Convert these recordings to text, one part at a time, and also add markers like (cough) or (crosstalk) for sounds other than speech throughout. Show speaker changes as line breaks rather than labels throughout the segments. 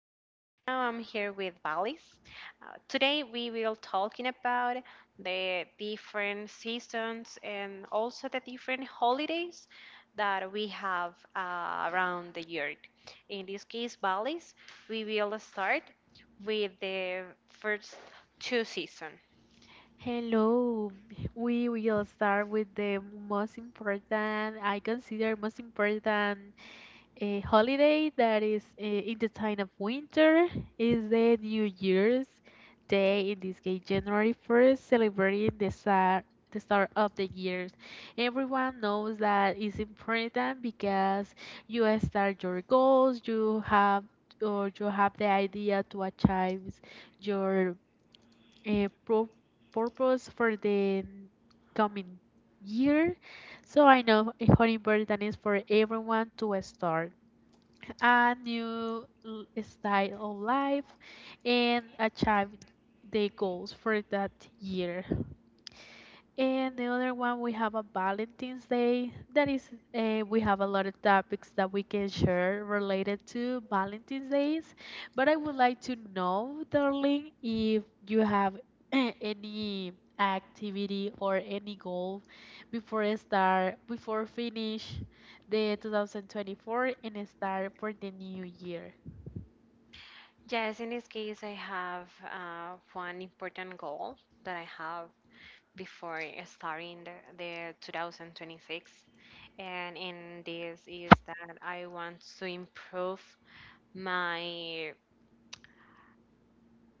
and right now I'm here with Valis. Today we will talking about the different seasons and also the different holidays that we have around the year. In this case, Valis, we will start with the first two season.
Hello. We will start with the most important, I consider most important holiday that is in the time of winter is the New Year's Day, in this case January 1st, celebrating the start of the years. Everyone knows that it's important because you start your goals, you have or you have the idea to achieve your uh, pro- purpose for the coming year. So I know how important is for everyone to start a new style of life and achieve the goals for that year. And the other one, we have a Valentine's Day. That is, we have a lot of topics that we can share related to Valentine's Days. But I would like to know, darling, if you have (clears throat) any activity or any goal before I start, before finish the 2024 and start for the new year.
Yes, in this case, I have one important goal that I have before starting the 2026, and in this is that I want to improve my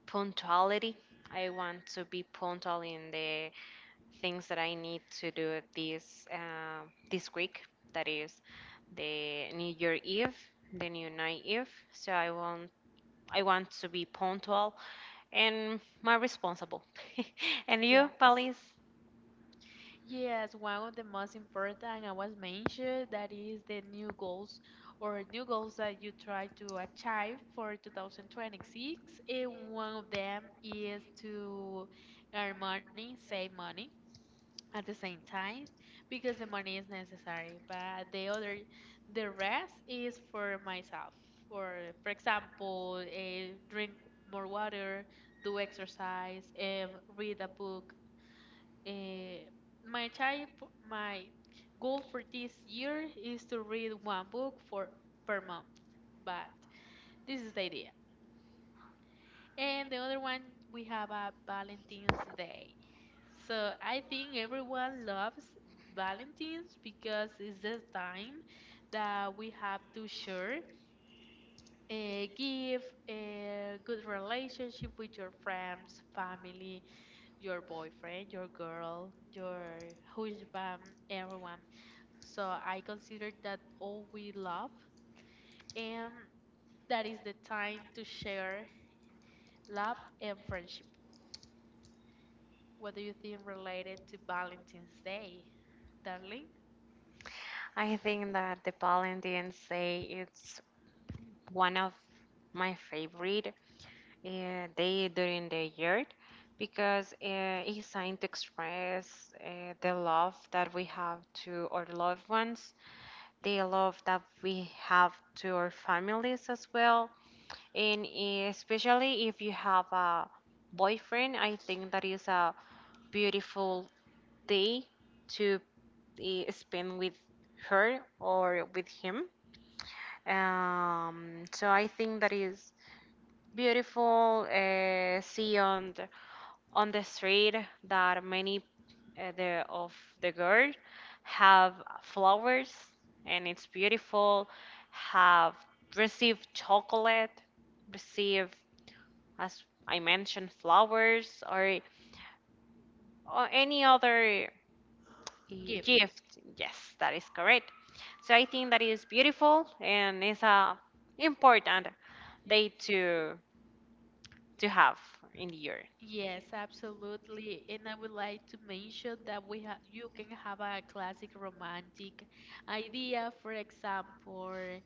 punctuality. I want to be punctual in the things that I need to do this this week, that is the new year eve, the new night eve. So I want to be punctual and more responsible. (laughs) And you,
Yes.
Palis?
Yes, one of the most important I was mentioned that is the new goals or new goals that you try to achieve for 2026. And one of them is to earn money, save money at the same time because the money is necessary. But the other, the rest is for myself. Or for example, drink more water, do exercise, read a book uh, my type, my goal for this year is to read one book for per month, but this is the idea. And the other one, we have a Valentine's Day. So I think everyone loves Valentine's because it's the time that we have to share, give a good relationship with your friends, family, your boyfriend, your girl, your husband, everyone. So I consider that all we love, and that is the time to share love and friendship. What do you think related to Valentine's Day, darling?
I think that the Valentine's Day, it's one of my favorite day during the year, because it's time to express the love that we have to our loved ones, the love that we have to our families as well, and especially if you have a boyfriend, I think that is a beautiful day to spend with her or with him. So I think that is beautiful. See on on the street that many the of the girl have flowers, and it's beautiful. Have received chocolate, receive, as I mentioned, flowers or any other uh,
Gift.
gift. Yes, that is correct. So I think that is beautiful, and it's a important day to have in the year.
Yes, absolutely. And I would like to mention that we ha you can have a classic romantic idea, for example,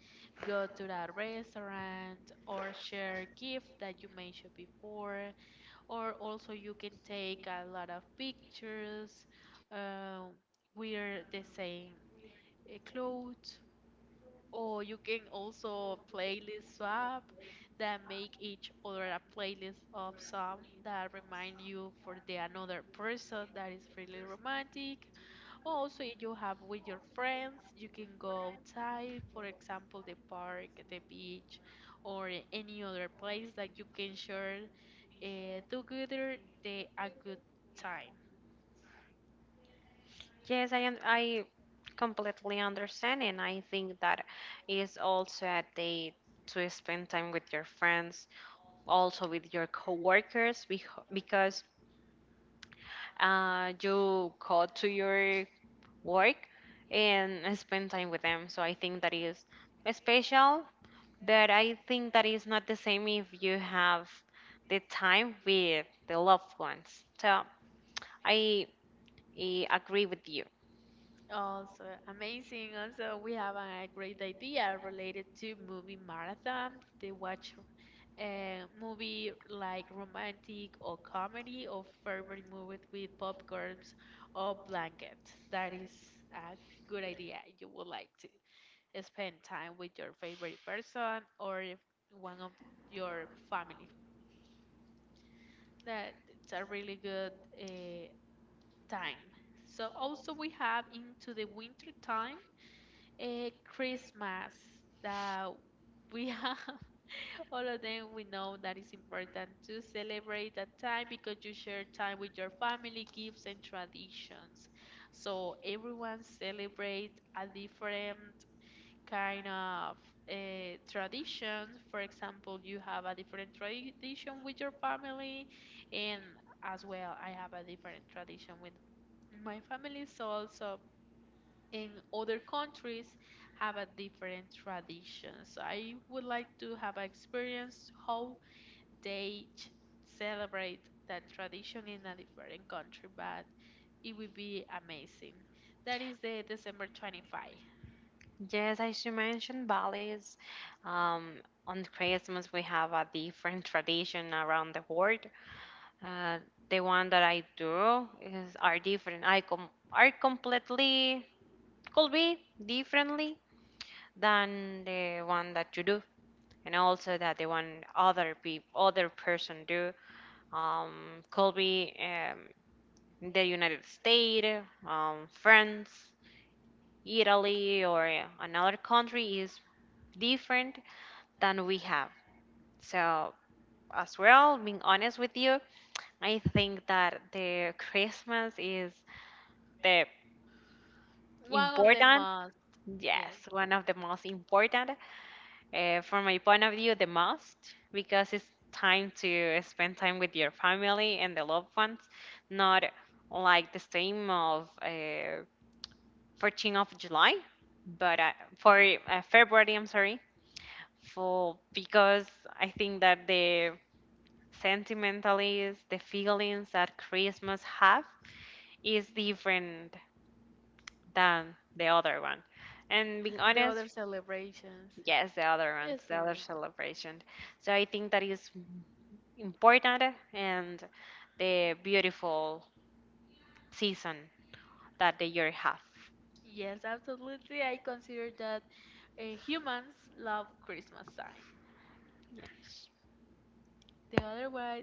go to that restaurant or share gift that you mentioned before, or also you can take a lot of pictures, uh, wear the same clothes, or you can also playlist swap that make each other a playlist of song that remind you for the another person that is really romantic also, if you have with your friends, you can go outside, for example, the park, the beach, or any other place that you can share together the a good time.
Yes, I am. I completely understand, and I think that is also a day to spend time with your friends, also with your coworkers, because you go to your work and spend time with them. So I think that is special, but I think that is not the same if you have the time with the loved ones. So I, I agree with you.
Also, amazing. Also, we have a great idea related to movie marathon. They watch a movie like romantic or comedy or favorite movie with popcorns or blankets. That is a good idea. You would like to spend time with your favorite person or if one of your family. That's a really good uh, time. So also we have into the winter time a Christmas that we have (laughs) all of them we know that it's important to celebrate that time because you share time with your family gifts and traditions so everyone celebrate a different kind of traditions. For example, you have a different tradition with your family, and as well, I have a different tradition with my family. So also in other countries have a different tradition. So I would like to have a experience how they celebrate that tradition in a different country, but it would be amazing. That is the December 25.
Yes, as you mentioned, Bali's, um, on Christmas we have a different tradition around the world. Uh, the one that I do is are different. Are completely could be differently than the one that you do, and also that the one other people other person do, could be, the United States, France, Italy, or another country, is different than we have. So, as well, being honest with you, I think that the Christmas is the
One of the
important,
most, yes.
yes, one of the most important. From my point of view, the most, because it's time to spend time with your family and the loved ones, not like the same of 14th of July, but for February, I'm sorry, for, because I think that the sentimentalities, the feelings that Christmas have, is different than the other one. And being
(laughs) The other
honest,
celebrations.
yes, the other
Yes,
ones, the other
correct.
celebration. So I think that is important and the beautiful season that the year have.
Yes, absolutely. I consider that humans love Christmas time.
Yes.
The other one,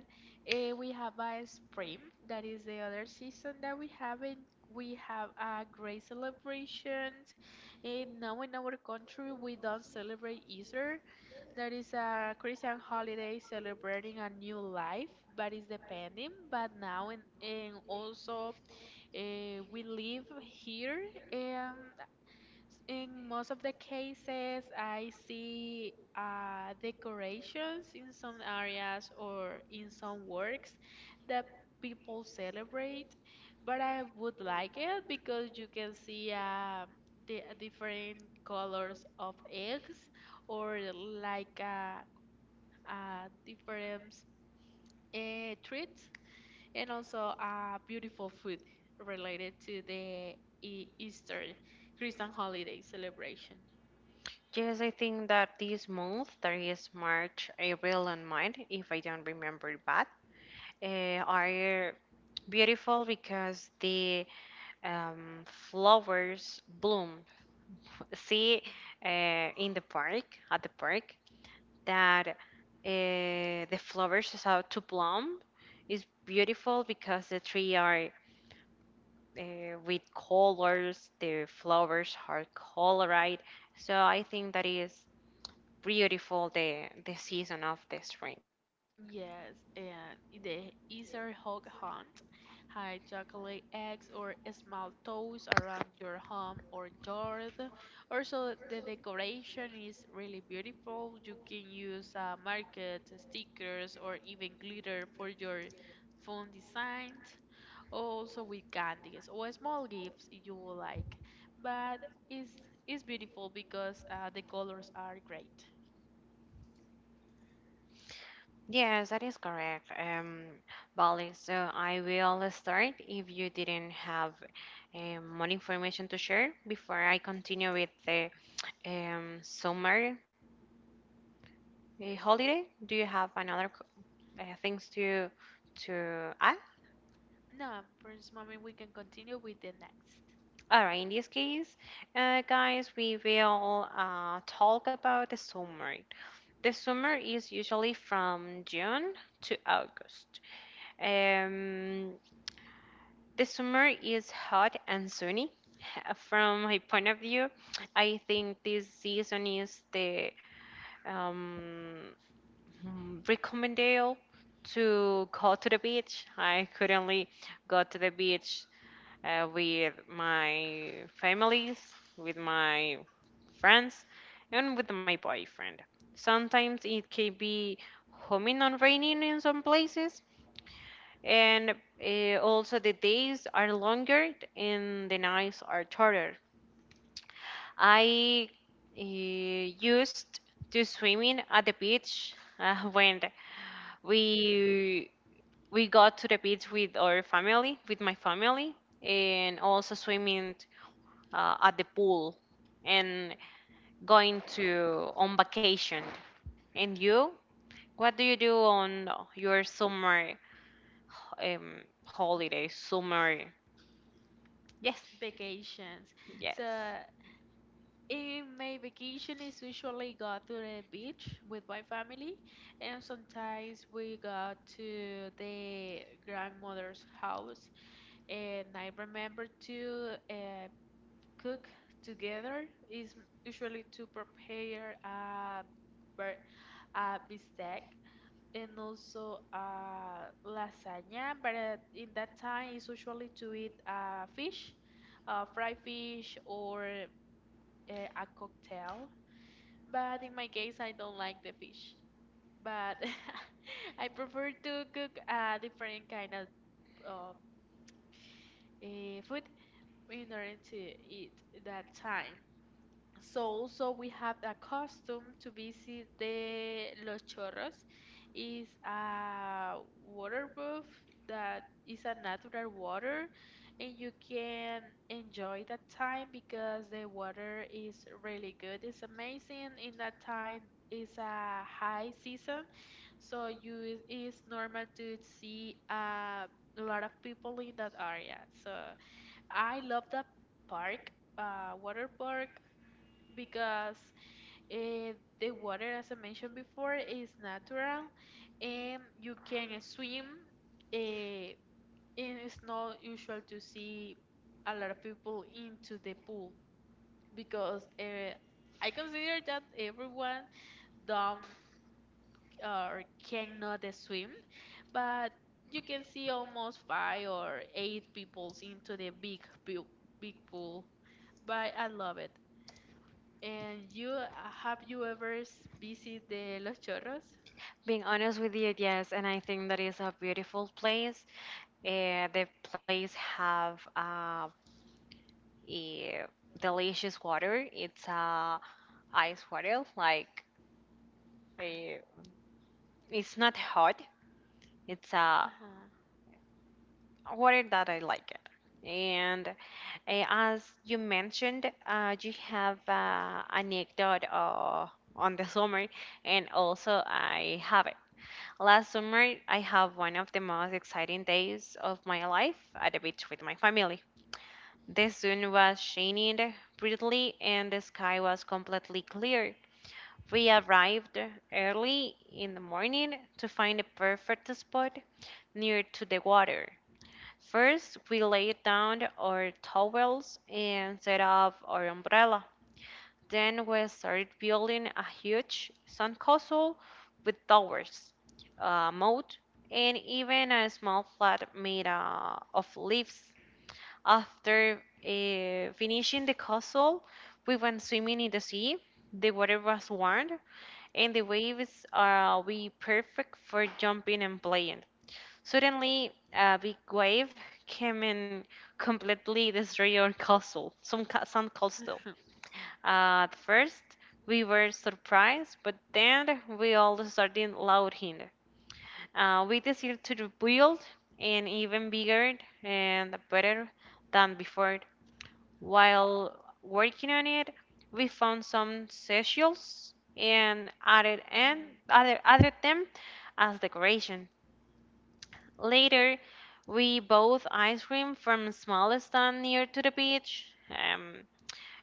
we have a spring. That is the other season that we have it. We have a great celebrations. And now in our country, we don't celebrate Easter. That is a Christian holiday celebrating a new life, but it's depending. But now and also we live here. And in most of the cases, I see decorations in some areas or in some works that people celebrate, but I would like it because you can see the different colors of eggs or like different treats and also beautiful food related to the Easter Christian holiday celebration.
Yes, I think that this month, that is March, April, and May, if I don't remember bad, are beautiful, because the flowers bloom. See uh, in the park, at the park, that the flowers is out to bloom is beautiful, because the tree are with colors. The flowers are colored. So I think that is beautiful, the season of the spring.
Yes, and the Easter hog hunt. Hide chocolate eggs or small toys around your home or yard. Also, the decoration is really beautiful. You can use market stickers or even glitter for your fun designs. Also, with candies or small gifts you will like. But it's, it's beautiful because the colors are great.
Yes, that is correct, Bali. So I will start if you didn't have more information to share before I continue with the summer
Yes.
holiday. Do you have another things to add?
No, for this moment we can continue with the next
All right, in this case, guys, we will talk about the summer. The summer is usually from June to August. Um, the summer is hot and sunny. (laughs) From my point of view, I think this season is the um, recommended to go to the beach. I currently go to the beach with my families, with my friends, and with my boyfriend. Sometimes it can be homing on raining in some places, and also the days are longer and the nights are shorter. I used to swimming at the beach (laughs) when we we got to the beach with our family, with my family, and also swimming at the pool and going to on vacation. And you, what do you do on your summer holiday? Summer, yes,
vacations. So
yes.
in my vacation is usually go to the beach with my family and sometimes we go to the grandmother's house and I remember to cook together is usually to prepare a bir- a bistec and also lasagna. But in that time, it's usually to eat fish, fried fish, or a cocktail. But in my case, I don't like the fish. But (laughs) I prefer to cook a different kind of uh, food in order to eat that time. So also we have the custom to visit the Los Chorros is a water bath that is a natural water and you can enjoy that time because the water is really good. It's amazing in that time is a high season so you is it's normal to see a lot of people in that area. So I love that park, water park because eh, the water, as I mentioned before, is natural and you can swim. eh, and it's not usual to see a lot of people into the pool because I consider that everyone don't or cannot swim, but you can see almost five or eight peoples into the big pool. But I love it. And you have you ever visit the Los Chorros?
Being honest with you, yes, and I think that is a beautiful place. The place have a delicious water. It's ice water, like uh, it's not hot. It's uh,
Uh-huh. (laughs)
Whether that I like it. And as you mentioned, you have anecdote on the (laughs) summer, and also I have it. Last summer, I have one of the most exciting days of my life at the beach with my family. The sun was shining brightly, and the sky was completely clear. We arrived early in the morning to find a perfect spot near to the water. First, we laid down our towels and set up our umbrella. Then we started building a huge sandcastle with towers, a moat, and even a small flat made of leaves. After finishing the castle, we went swimming in the sea. The water was warm, and the waves are we perfect for jumping and playing. Suddenly, a big wave came and completely destroyed our castle, some castle. At first, we were surprised, but then we all started laughing. We decided to rebuild and even bigger and better than before. While working on it, we found some seashells and added
Mm.
and other added them as decoration. Later, we bought ice cream from a small stand near to the beach,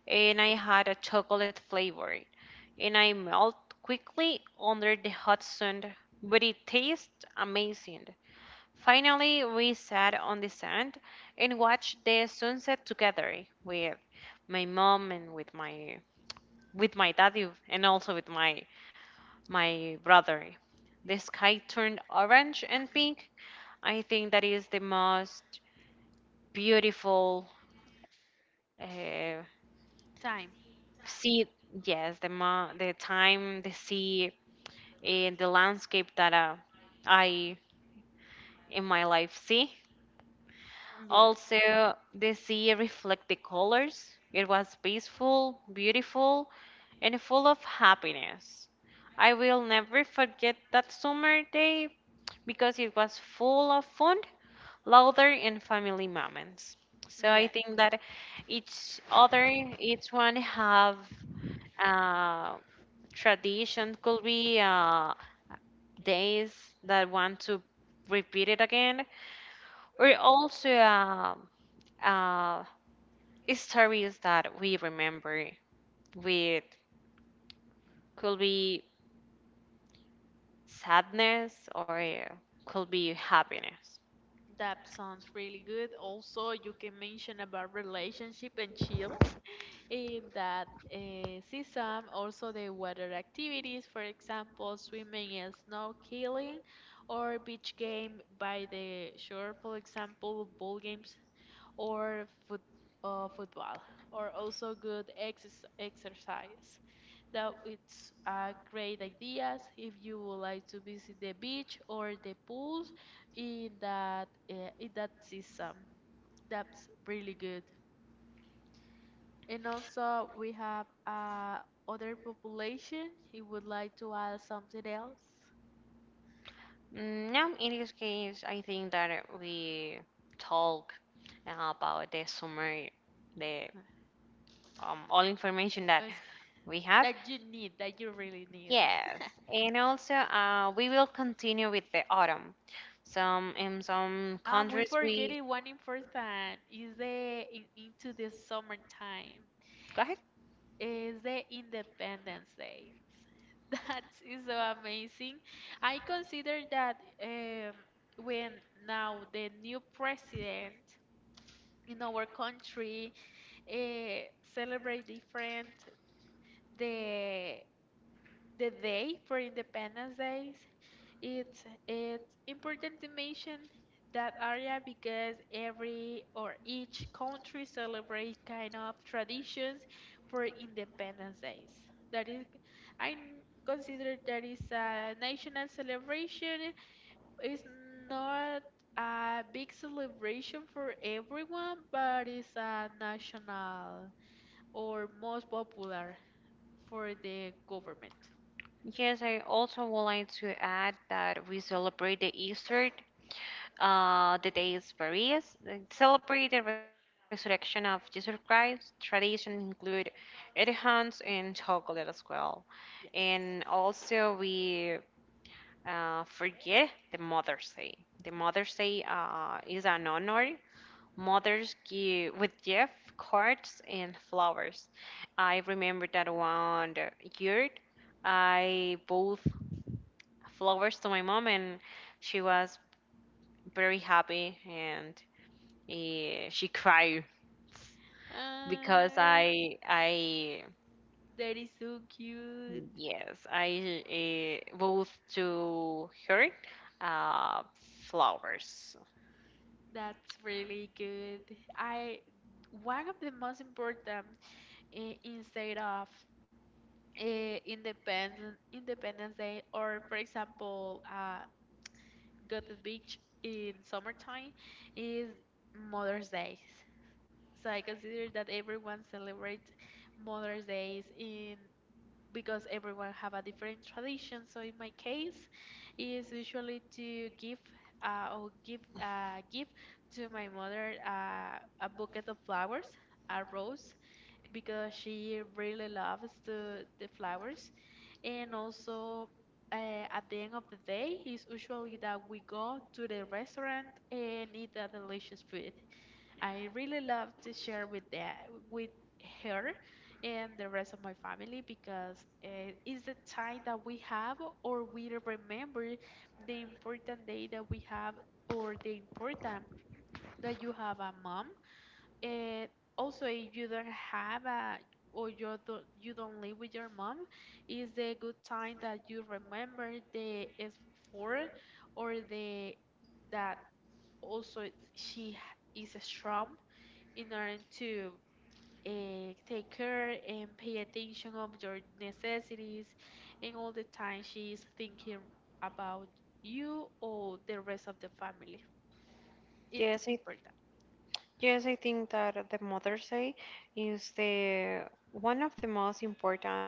and I had a chocolate flavor, and I melt quickly under the hot sun, but it tastes amazing. Finally, we sat on the sand and watched the sunset together with my mom and with my daddy, and also with my brother. The sky turned orange and pink. I think that is the most beautiful uh,
Time.
sea. Yes, the time, the sea, and the landscape that I in my life see.
Yes.
Also, the sea reflect the colors. It was peaceful, beautiful, and full of happiness. I will never forget that summer day, because it was full of fun, laughter, and family moments. So
Yeah,
I think that each other, each one have uh, tradition, could be days that want to repeat it again, or also uh, stories that we remember with, could be sadness or could be happiness.
that sounds really good. Also, you can mention about relationship and chill in that season. Also, the water activities, for example, swimming and snorkeling, or beach game by the shore, for example, ball games or foot, football, or also good exes exercise. That it's a great ideas if you would like to visit the beach or the pools in that season. That's really good. And also we have other population. He would like to add something else.
Now, in this case, I think that we talk about the summary, the all
(laughs)
information
Us-
that we have.
that you need, that you really need.
Yes, and also we will continue with the autumn. Some, in some
Ah, we
countries,
forgetting
we
one important. Is the in, into the summertime?
go ahead.
Is the Independence Day? (laughs) That is so amazing. I consider that um, when now the new president in our country eh, celebrate different. The the day for Independence Days, it's important to mention that area because every or each country celebrate kind of traditions for Independence Days. That is, I consider that is a national celebration. It's not a big celebration for everyone, but it's a national or most popular for the government?
Yes, I also would like to add that we celebrate the Easter. The days varies. They celebrate the resurrection of Jesus Christ. Tradition include egg hunts and chocolate as well.
Yes.
And also we forget the Mother's Day. The Mother's Day is an honor. Mothers give with gift cards and flowers. I remember that one year. I bought flowers to my mom, and she was very happy, and yeah, she cried because
Uh,
I I
that is so cute.
yes I uh, bought to her uh, flowers.
That's really good. I one of the most important instead of independence Independence Day or for example go to the beach in summertime is Mother's Day. So I consider that everyone celebrates Mother's Days in because everyone have a different tradition. So in my case, is usually to give or give give to my mother a bucket of flowers, a rose, because she really loves the flowers, and also. At the end of the day, is usually that we go to the restaurant and eat a delicious food. I really love to share with that with her and the rest of my family because it's the time that we have or we remember the important day that we have or the important that you have a mom and also if you don't have a or you don't live with your mom is the good time that you remember the is for or the that also she is strong in order to take care and pay attention of your necessities and all the time she is thinking about you or the rest of the family it's
Yes, I
important
yes, I think that the Mother's Day is the one of the most important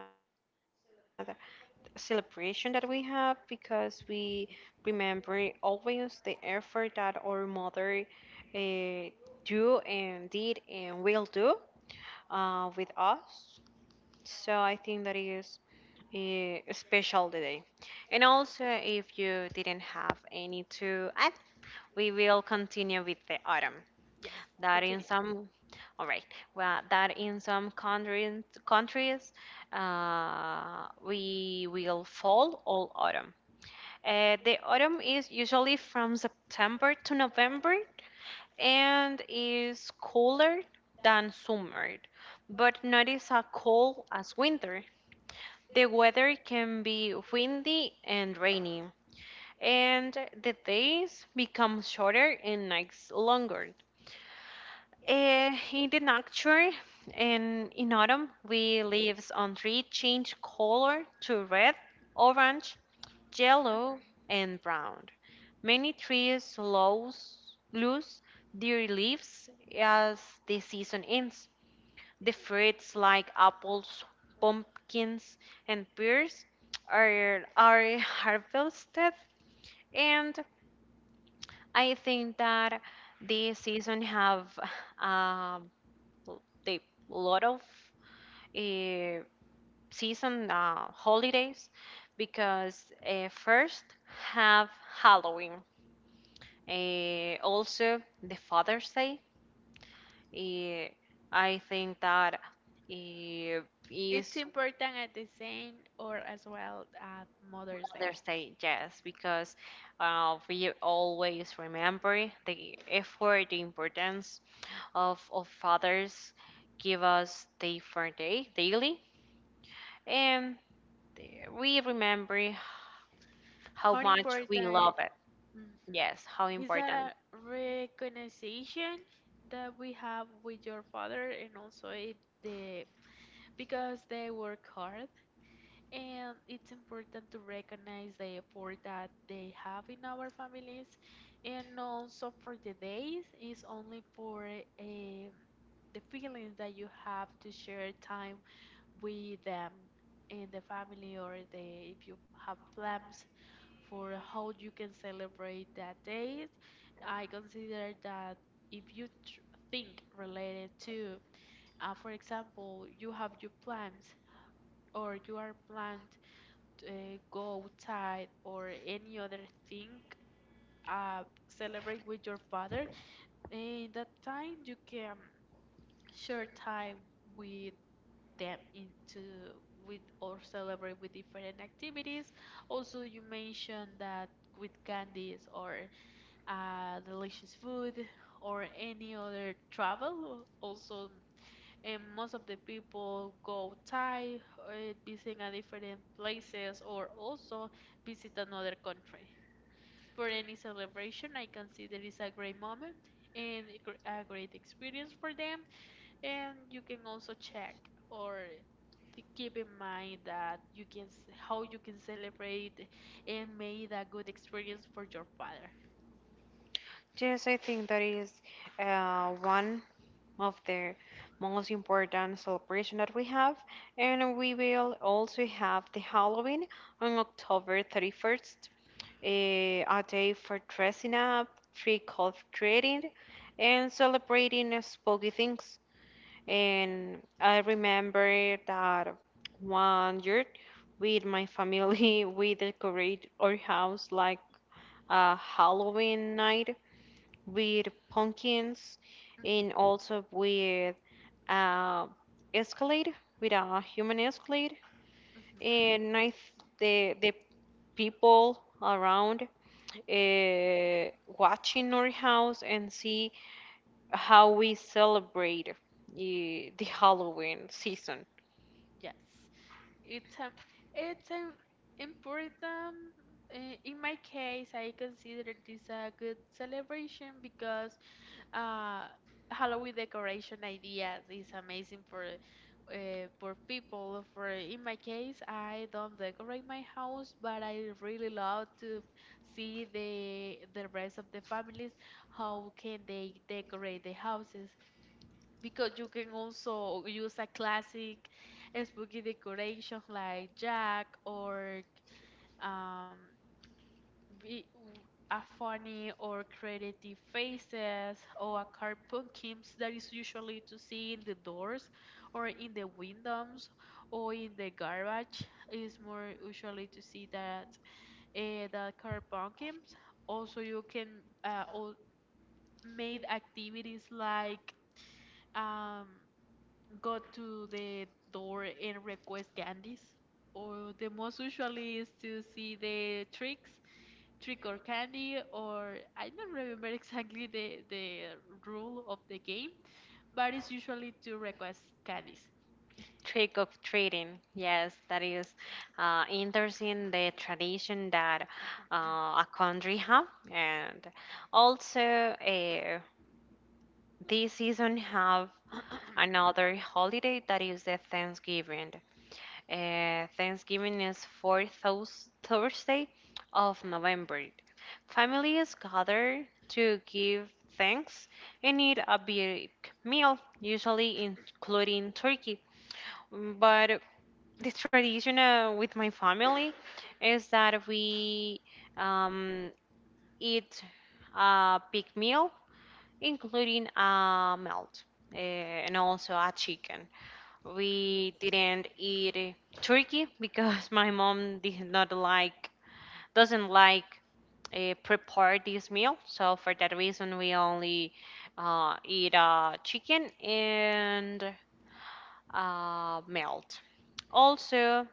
celebration that we have, because we remember always the effort that our mother uh, do and did and will do with us. So I think that is a special today. And also, if you didn't have any to add, we will continue with the autumn.
yes
That
continue.
in some, all right. Well, that in some countries, we will fall all autumn. The autumn is usually from September to November, and is cooler than summer, but not as a cold as winter. The weather can be windy and rainy, and the days become shorter and nights longer. In the nature, and in autumn, we leaves on tree change color to red, orange,
Mhm.
yellow and brown. Many trees lose their leaves as the season ends. The fruits, like apples, pumpkins, and pears, are harvested, and I think that this season have um, a lot of uh, season holidays, because first have Halloween. Also, the Father's Day. eh, I think that eh,
It's
is
important at the same or as well at mother's day
Mother's Day,
yes.
yes, because we always remember the effort, the importance of fathers give us day for day, daily, and we remember
How
how much we
important.
love it. Yes,
Mm-hmm.
how
Is a
important.
recognition that we have with your father and also if the because they work hard and it's important to recognize the effort that they have in our families and also for the days is only for um, the feelings that you have to share time with them in the family or the if you have plans for how you can celebrate that day I consider that if you think related to for example you have your plans or you are planned to go outside or any other thing, celebrate with your father, in that time you can share time with them into with or celebrate with different activities. Also, you mentioned that with candies or delicious food or any other travel also, and most of the people go tired, visiting a different places or also visit another country. For any celebration, I consider it's a great moment and a great experience for them. And you can also check or to keep in mind that you can how you can celebrate and make it a good experience for your father.
Yes, I think that is one of the most important celebration that we have, and we will also have the Halloween on October 31st, a day for dressing up, trick or treating, and celebrating spooky things. And I remember that one year with my family, (laughs) we decorate our house like a Halloween night with pumpkins
Mhm,
and also with uh, escalade, with a human escalade.
mhm.
And the people around uh, watching our house and see how we celebrate the Halloween season.
Yes. It's a, it's a important. In my case, I consider this a good celebration because uh, Halloween decoration ideas is amazing for people. For in my case, I don't decorate my house, but I really love to see the rest of the families how can they decorate the houses, because you can also use a classic spooky decoration like Jack or um, be, a funny or creative faces or a car pumpkins that is usually to see in the doors or in the windows or in the garbage. Is more usually to see that the car pumpkins. Also you can uh, al- made activities like um go to the door and request candies. Or the most usually is to see the tricks, trick or candy, or I don't remember (laughs) exactly the rule of the game, but it's usually to request candies.
Trick of treating, yes, that is interesting. The tradition that a country have, and also this season have another holiday that is the Thanksgiving. Thanksgiving is Thursday of November. Families gather to give thanks and eat a big meal, usually including turkey. But the tradition with my family is that we um, eat a big meal including a melt uh, and also a chicken.
Yes.
We didn't eat turkey because (laughs) my mom did not like doesn't like prepare this meal. So for that reason, we only eat chicken and melt. Also,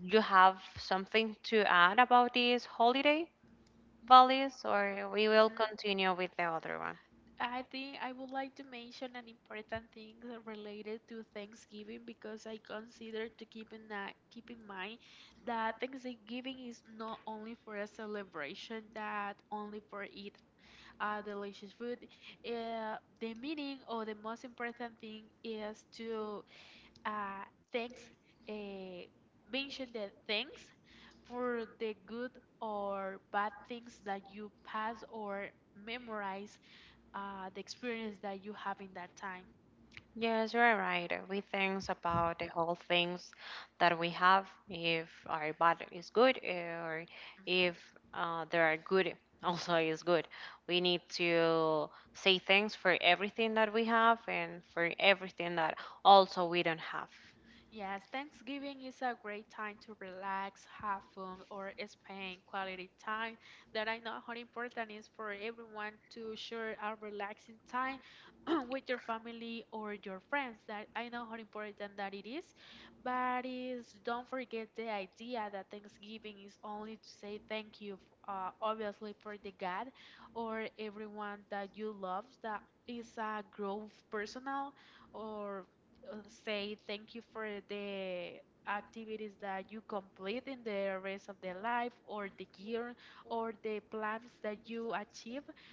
you have something to add about this holiday, Valis, or we
Mhm.
will continue with the other one?
I think I would like to mention an important thing related to Thanksgiving, because I consider to keep in that keep in mind that Thanksgiving is not only for a celebration that only for eat delicious food. The meaning or the most important thing is to thanks uh, mention the thanks for the good or bad things that you pass or memorize the experience that you have in that time.
Yes, you're right. We think about the whole things that we have, if our body is good or
Mhm.
if they are good, (laughs) also is good. We need to say thanks for everything that we have and for everything that also we don't have.
Yes, Thanksgiving is a great time to relax, have fun, or spend quality time. That I know how important is for everyone to share a relaxing time (clears throat) with your family or your friends. That I know how important that it is, but is don't forget the idea that Thanksgiving is only to say thank you, obviously for the God or everyone that you love, that is a growth personal or uh, say thank you for the activities that you complete in the rest of the life or the year or the plans that you achieve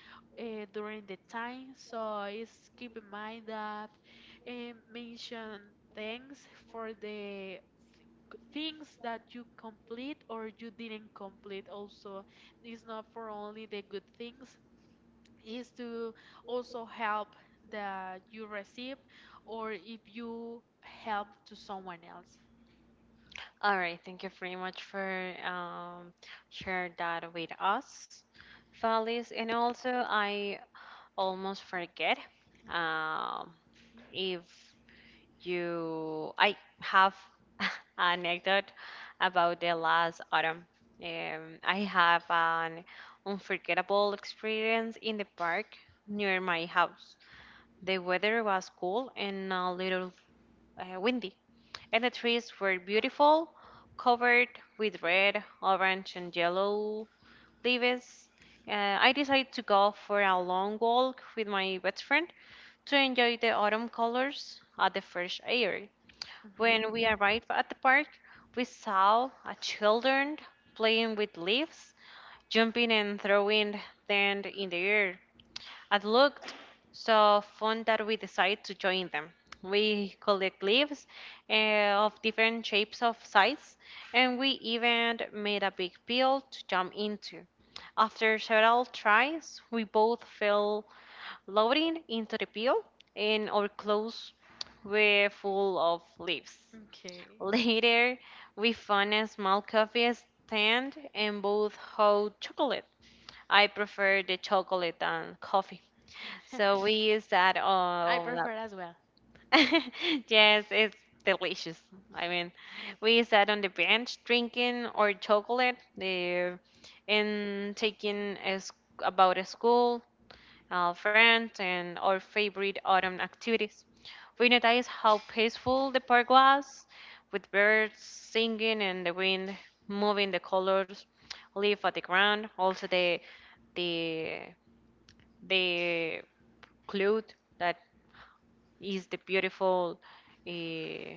during the time. So it's keep in mind that uh, mention thanks for the things that you complete or you didn't complete. Also, it's not for only the good things, is to also help that you receive or if you help to someone else.
All right, thank you very much for share that with us, Valis. And also, I almost forget, um, if you I have (laughs) an anecdote about the last autumn. I have an unforgettable experience in the park near my house. The weather was cool and a little windy, and the trees were beautiful, covered with red, orange and yellow leaves. I decided to go for a long walk with my best friend to enjoy the autumn colors at the fresh air.
hmm
When we arrived at the park, we saw a children playing with leaves, jumping and throwing them in the air. It looked so fun that we decided to join them. We collect leaves, of different shapes of size, and we even made a big pile to jump into. After several tries, we both fell loading into the pile, and our clothes were full of leaves.
Okay.
Later, we found a small coffee stand and both hot chocolate. I prefer the chocolate than coffee. So we use that
(laughs) I prefer
all
as
up.
well.
(laughs) Yes, it's delicious. I mean, we sat on the bench drinking our chocolate there and taking about a school our friends, and our favorite autumn activities. We noticed how peaceful the park was, with birds singing and the wind moving the colors leaf on the ground. Also the the cloth that is the beautiful, uh,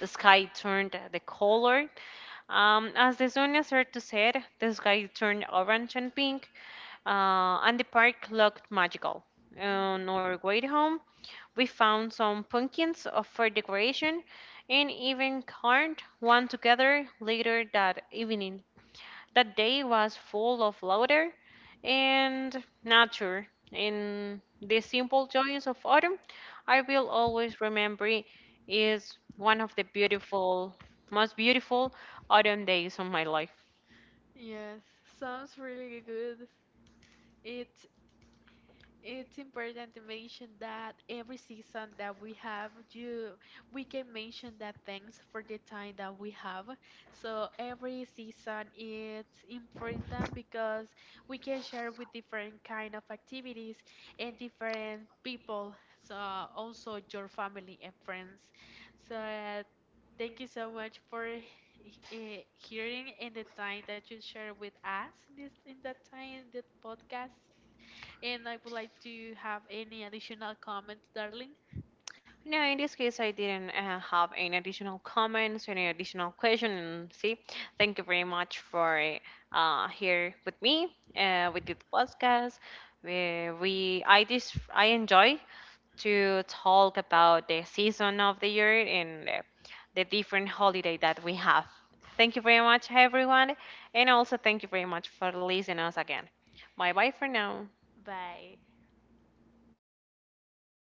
the sky turned the color. As the sun started to set, the sky turned orange and pink, and the park looked magical.
hmm
On our way home, we found some pumpkins for decoration and even carved one together later that evening. That day was full of laughter and nature. In the simple joys of autumn, I will always remember it is one of most beautiful autumn days of my life.
Yes, sounds really good. It It's important to mention that every season that we have, you we can mention that thanks for the time that we have. So every season it's important, because we can share with different kind of activities and different people. So also your family and friends. So thank you so much for hearing and the time that you share with us in this in that time the podcast. And I would like to have any additional comments, darling.
No, in this case, I didn't have any additional comments, any additional question. And see, thank you very much for here with me with this podcast. We I just I enjoy to talk about the season of the year and the different holiday that we have. Thank you very much, everyone, and also thank you very much for listening us again. Bye bye for now.
Bye.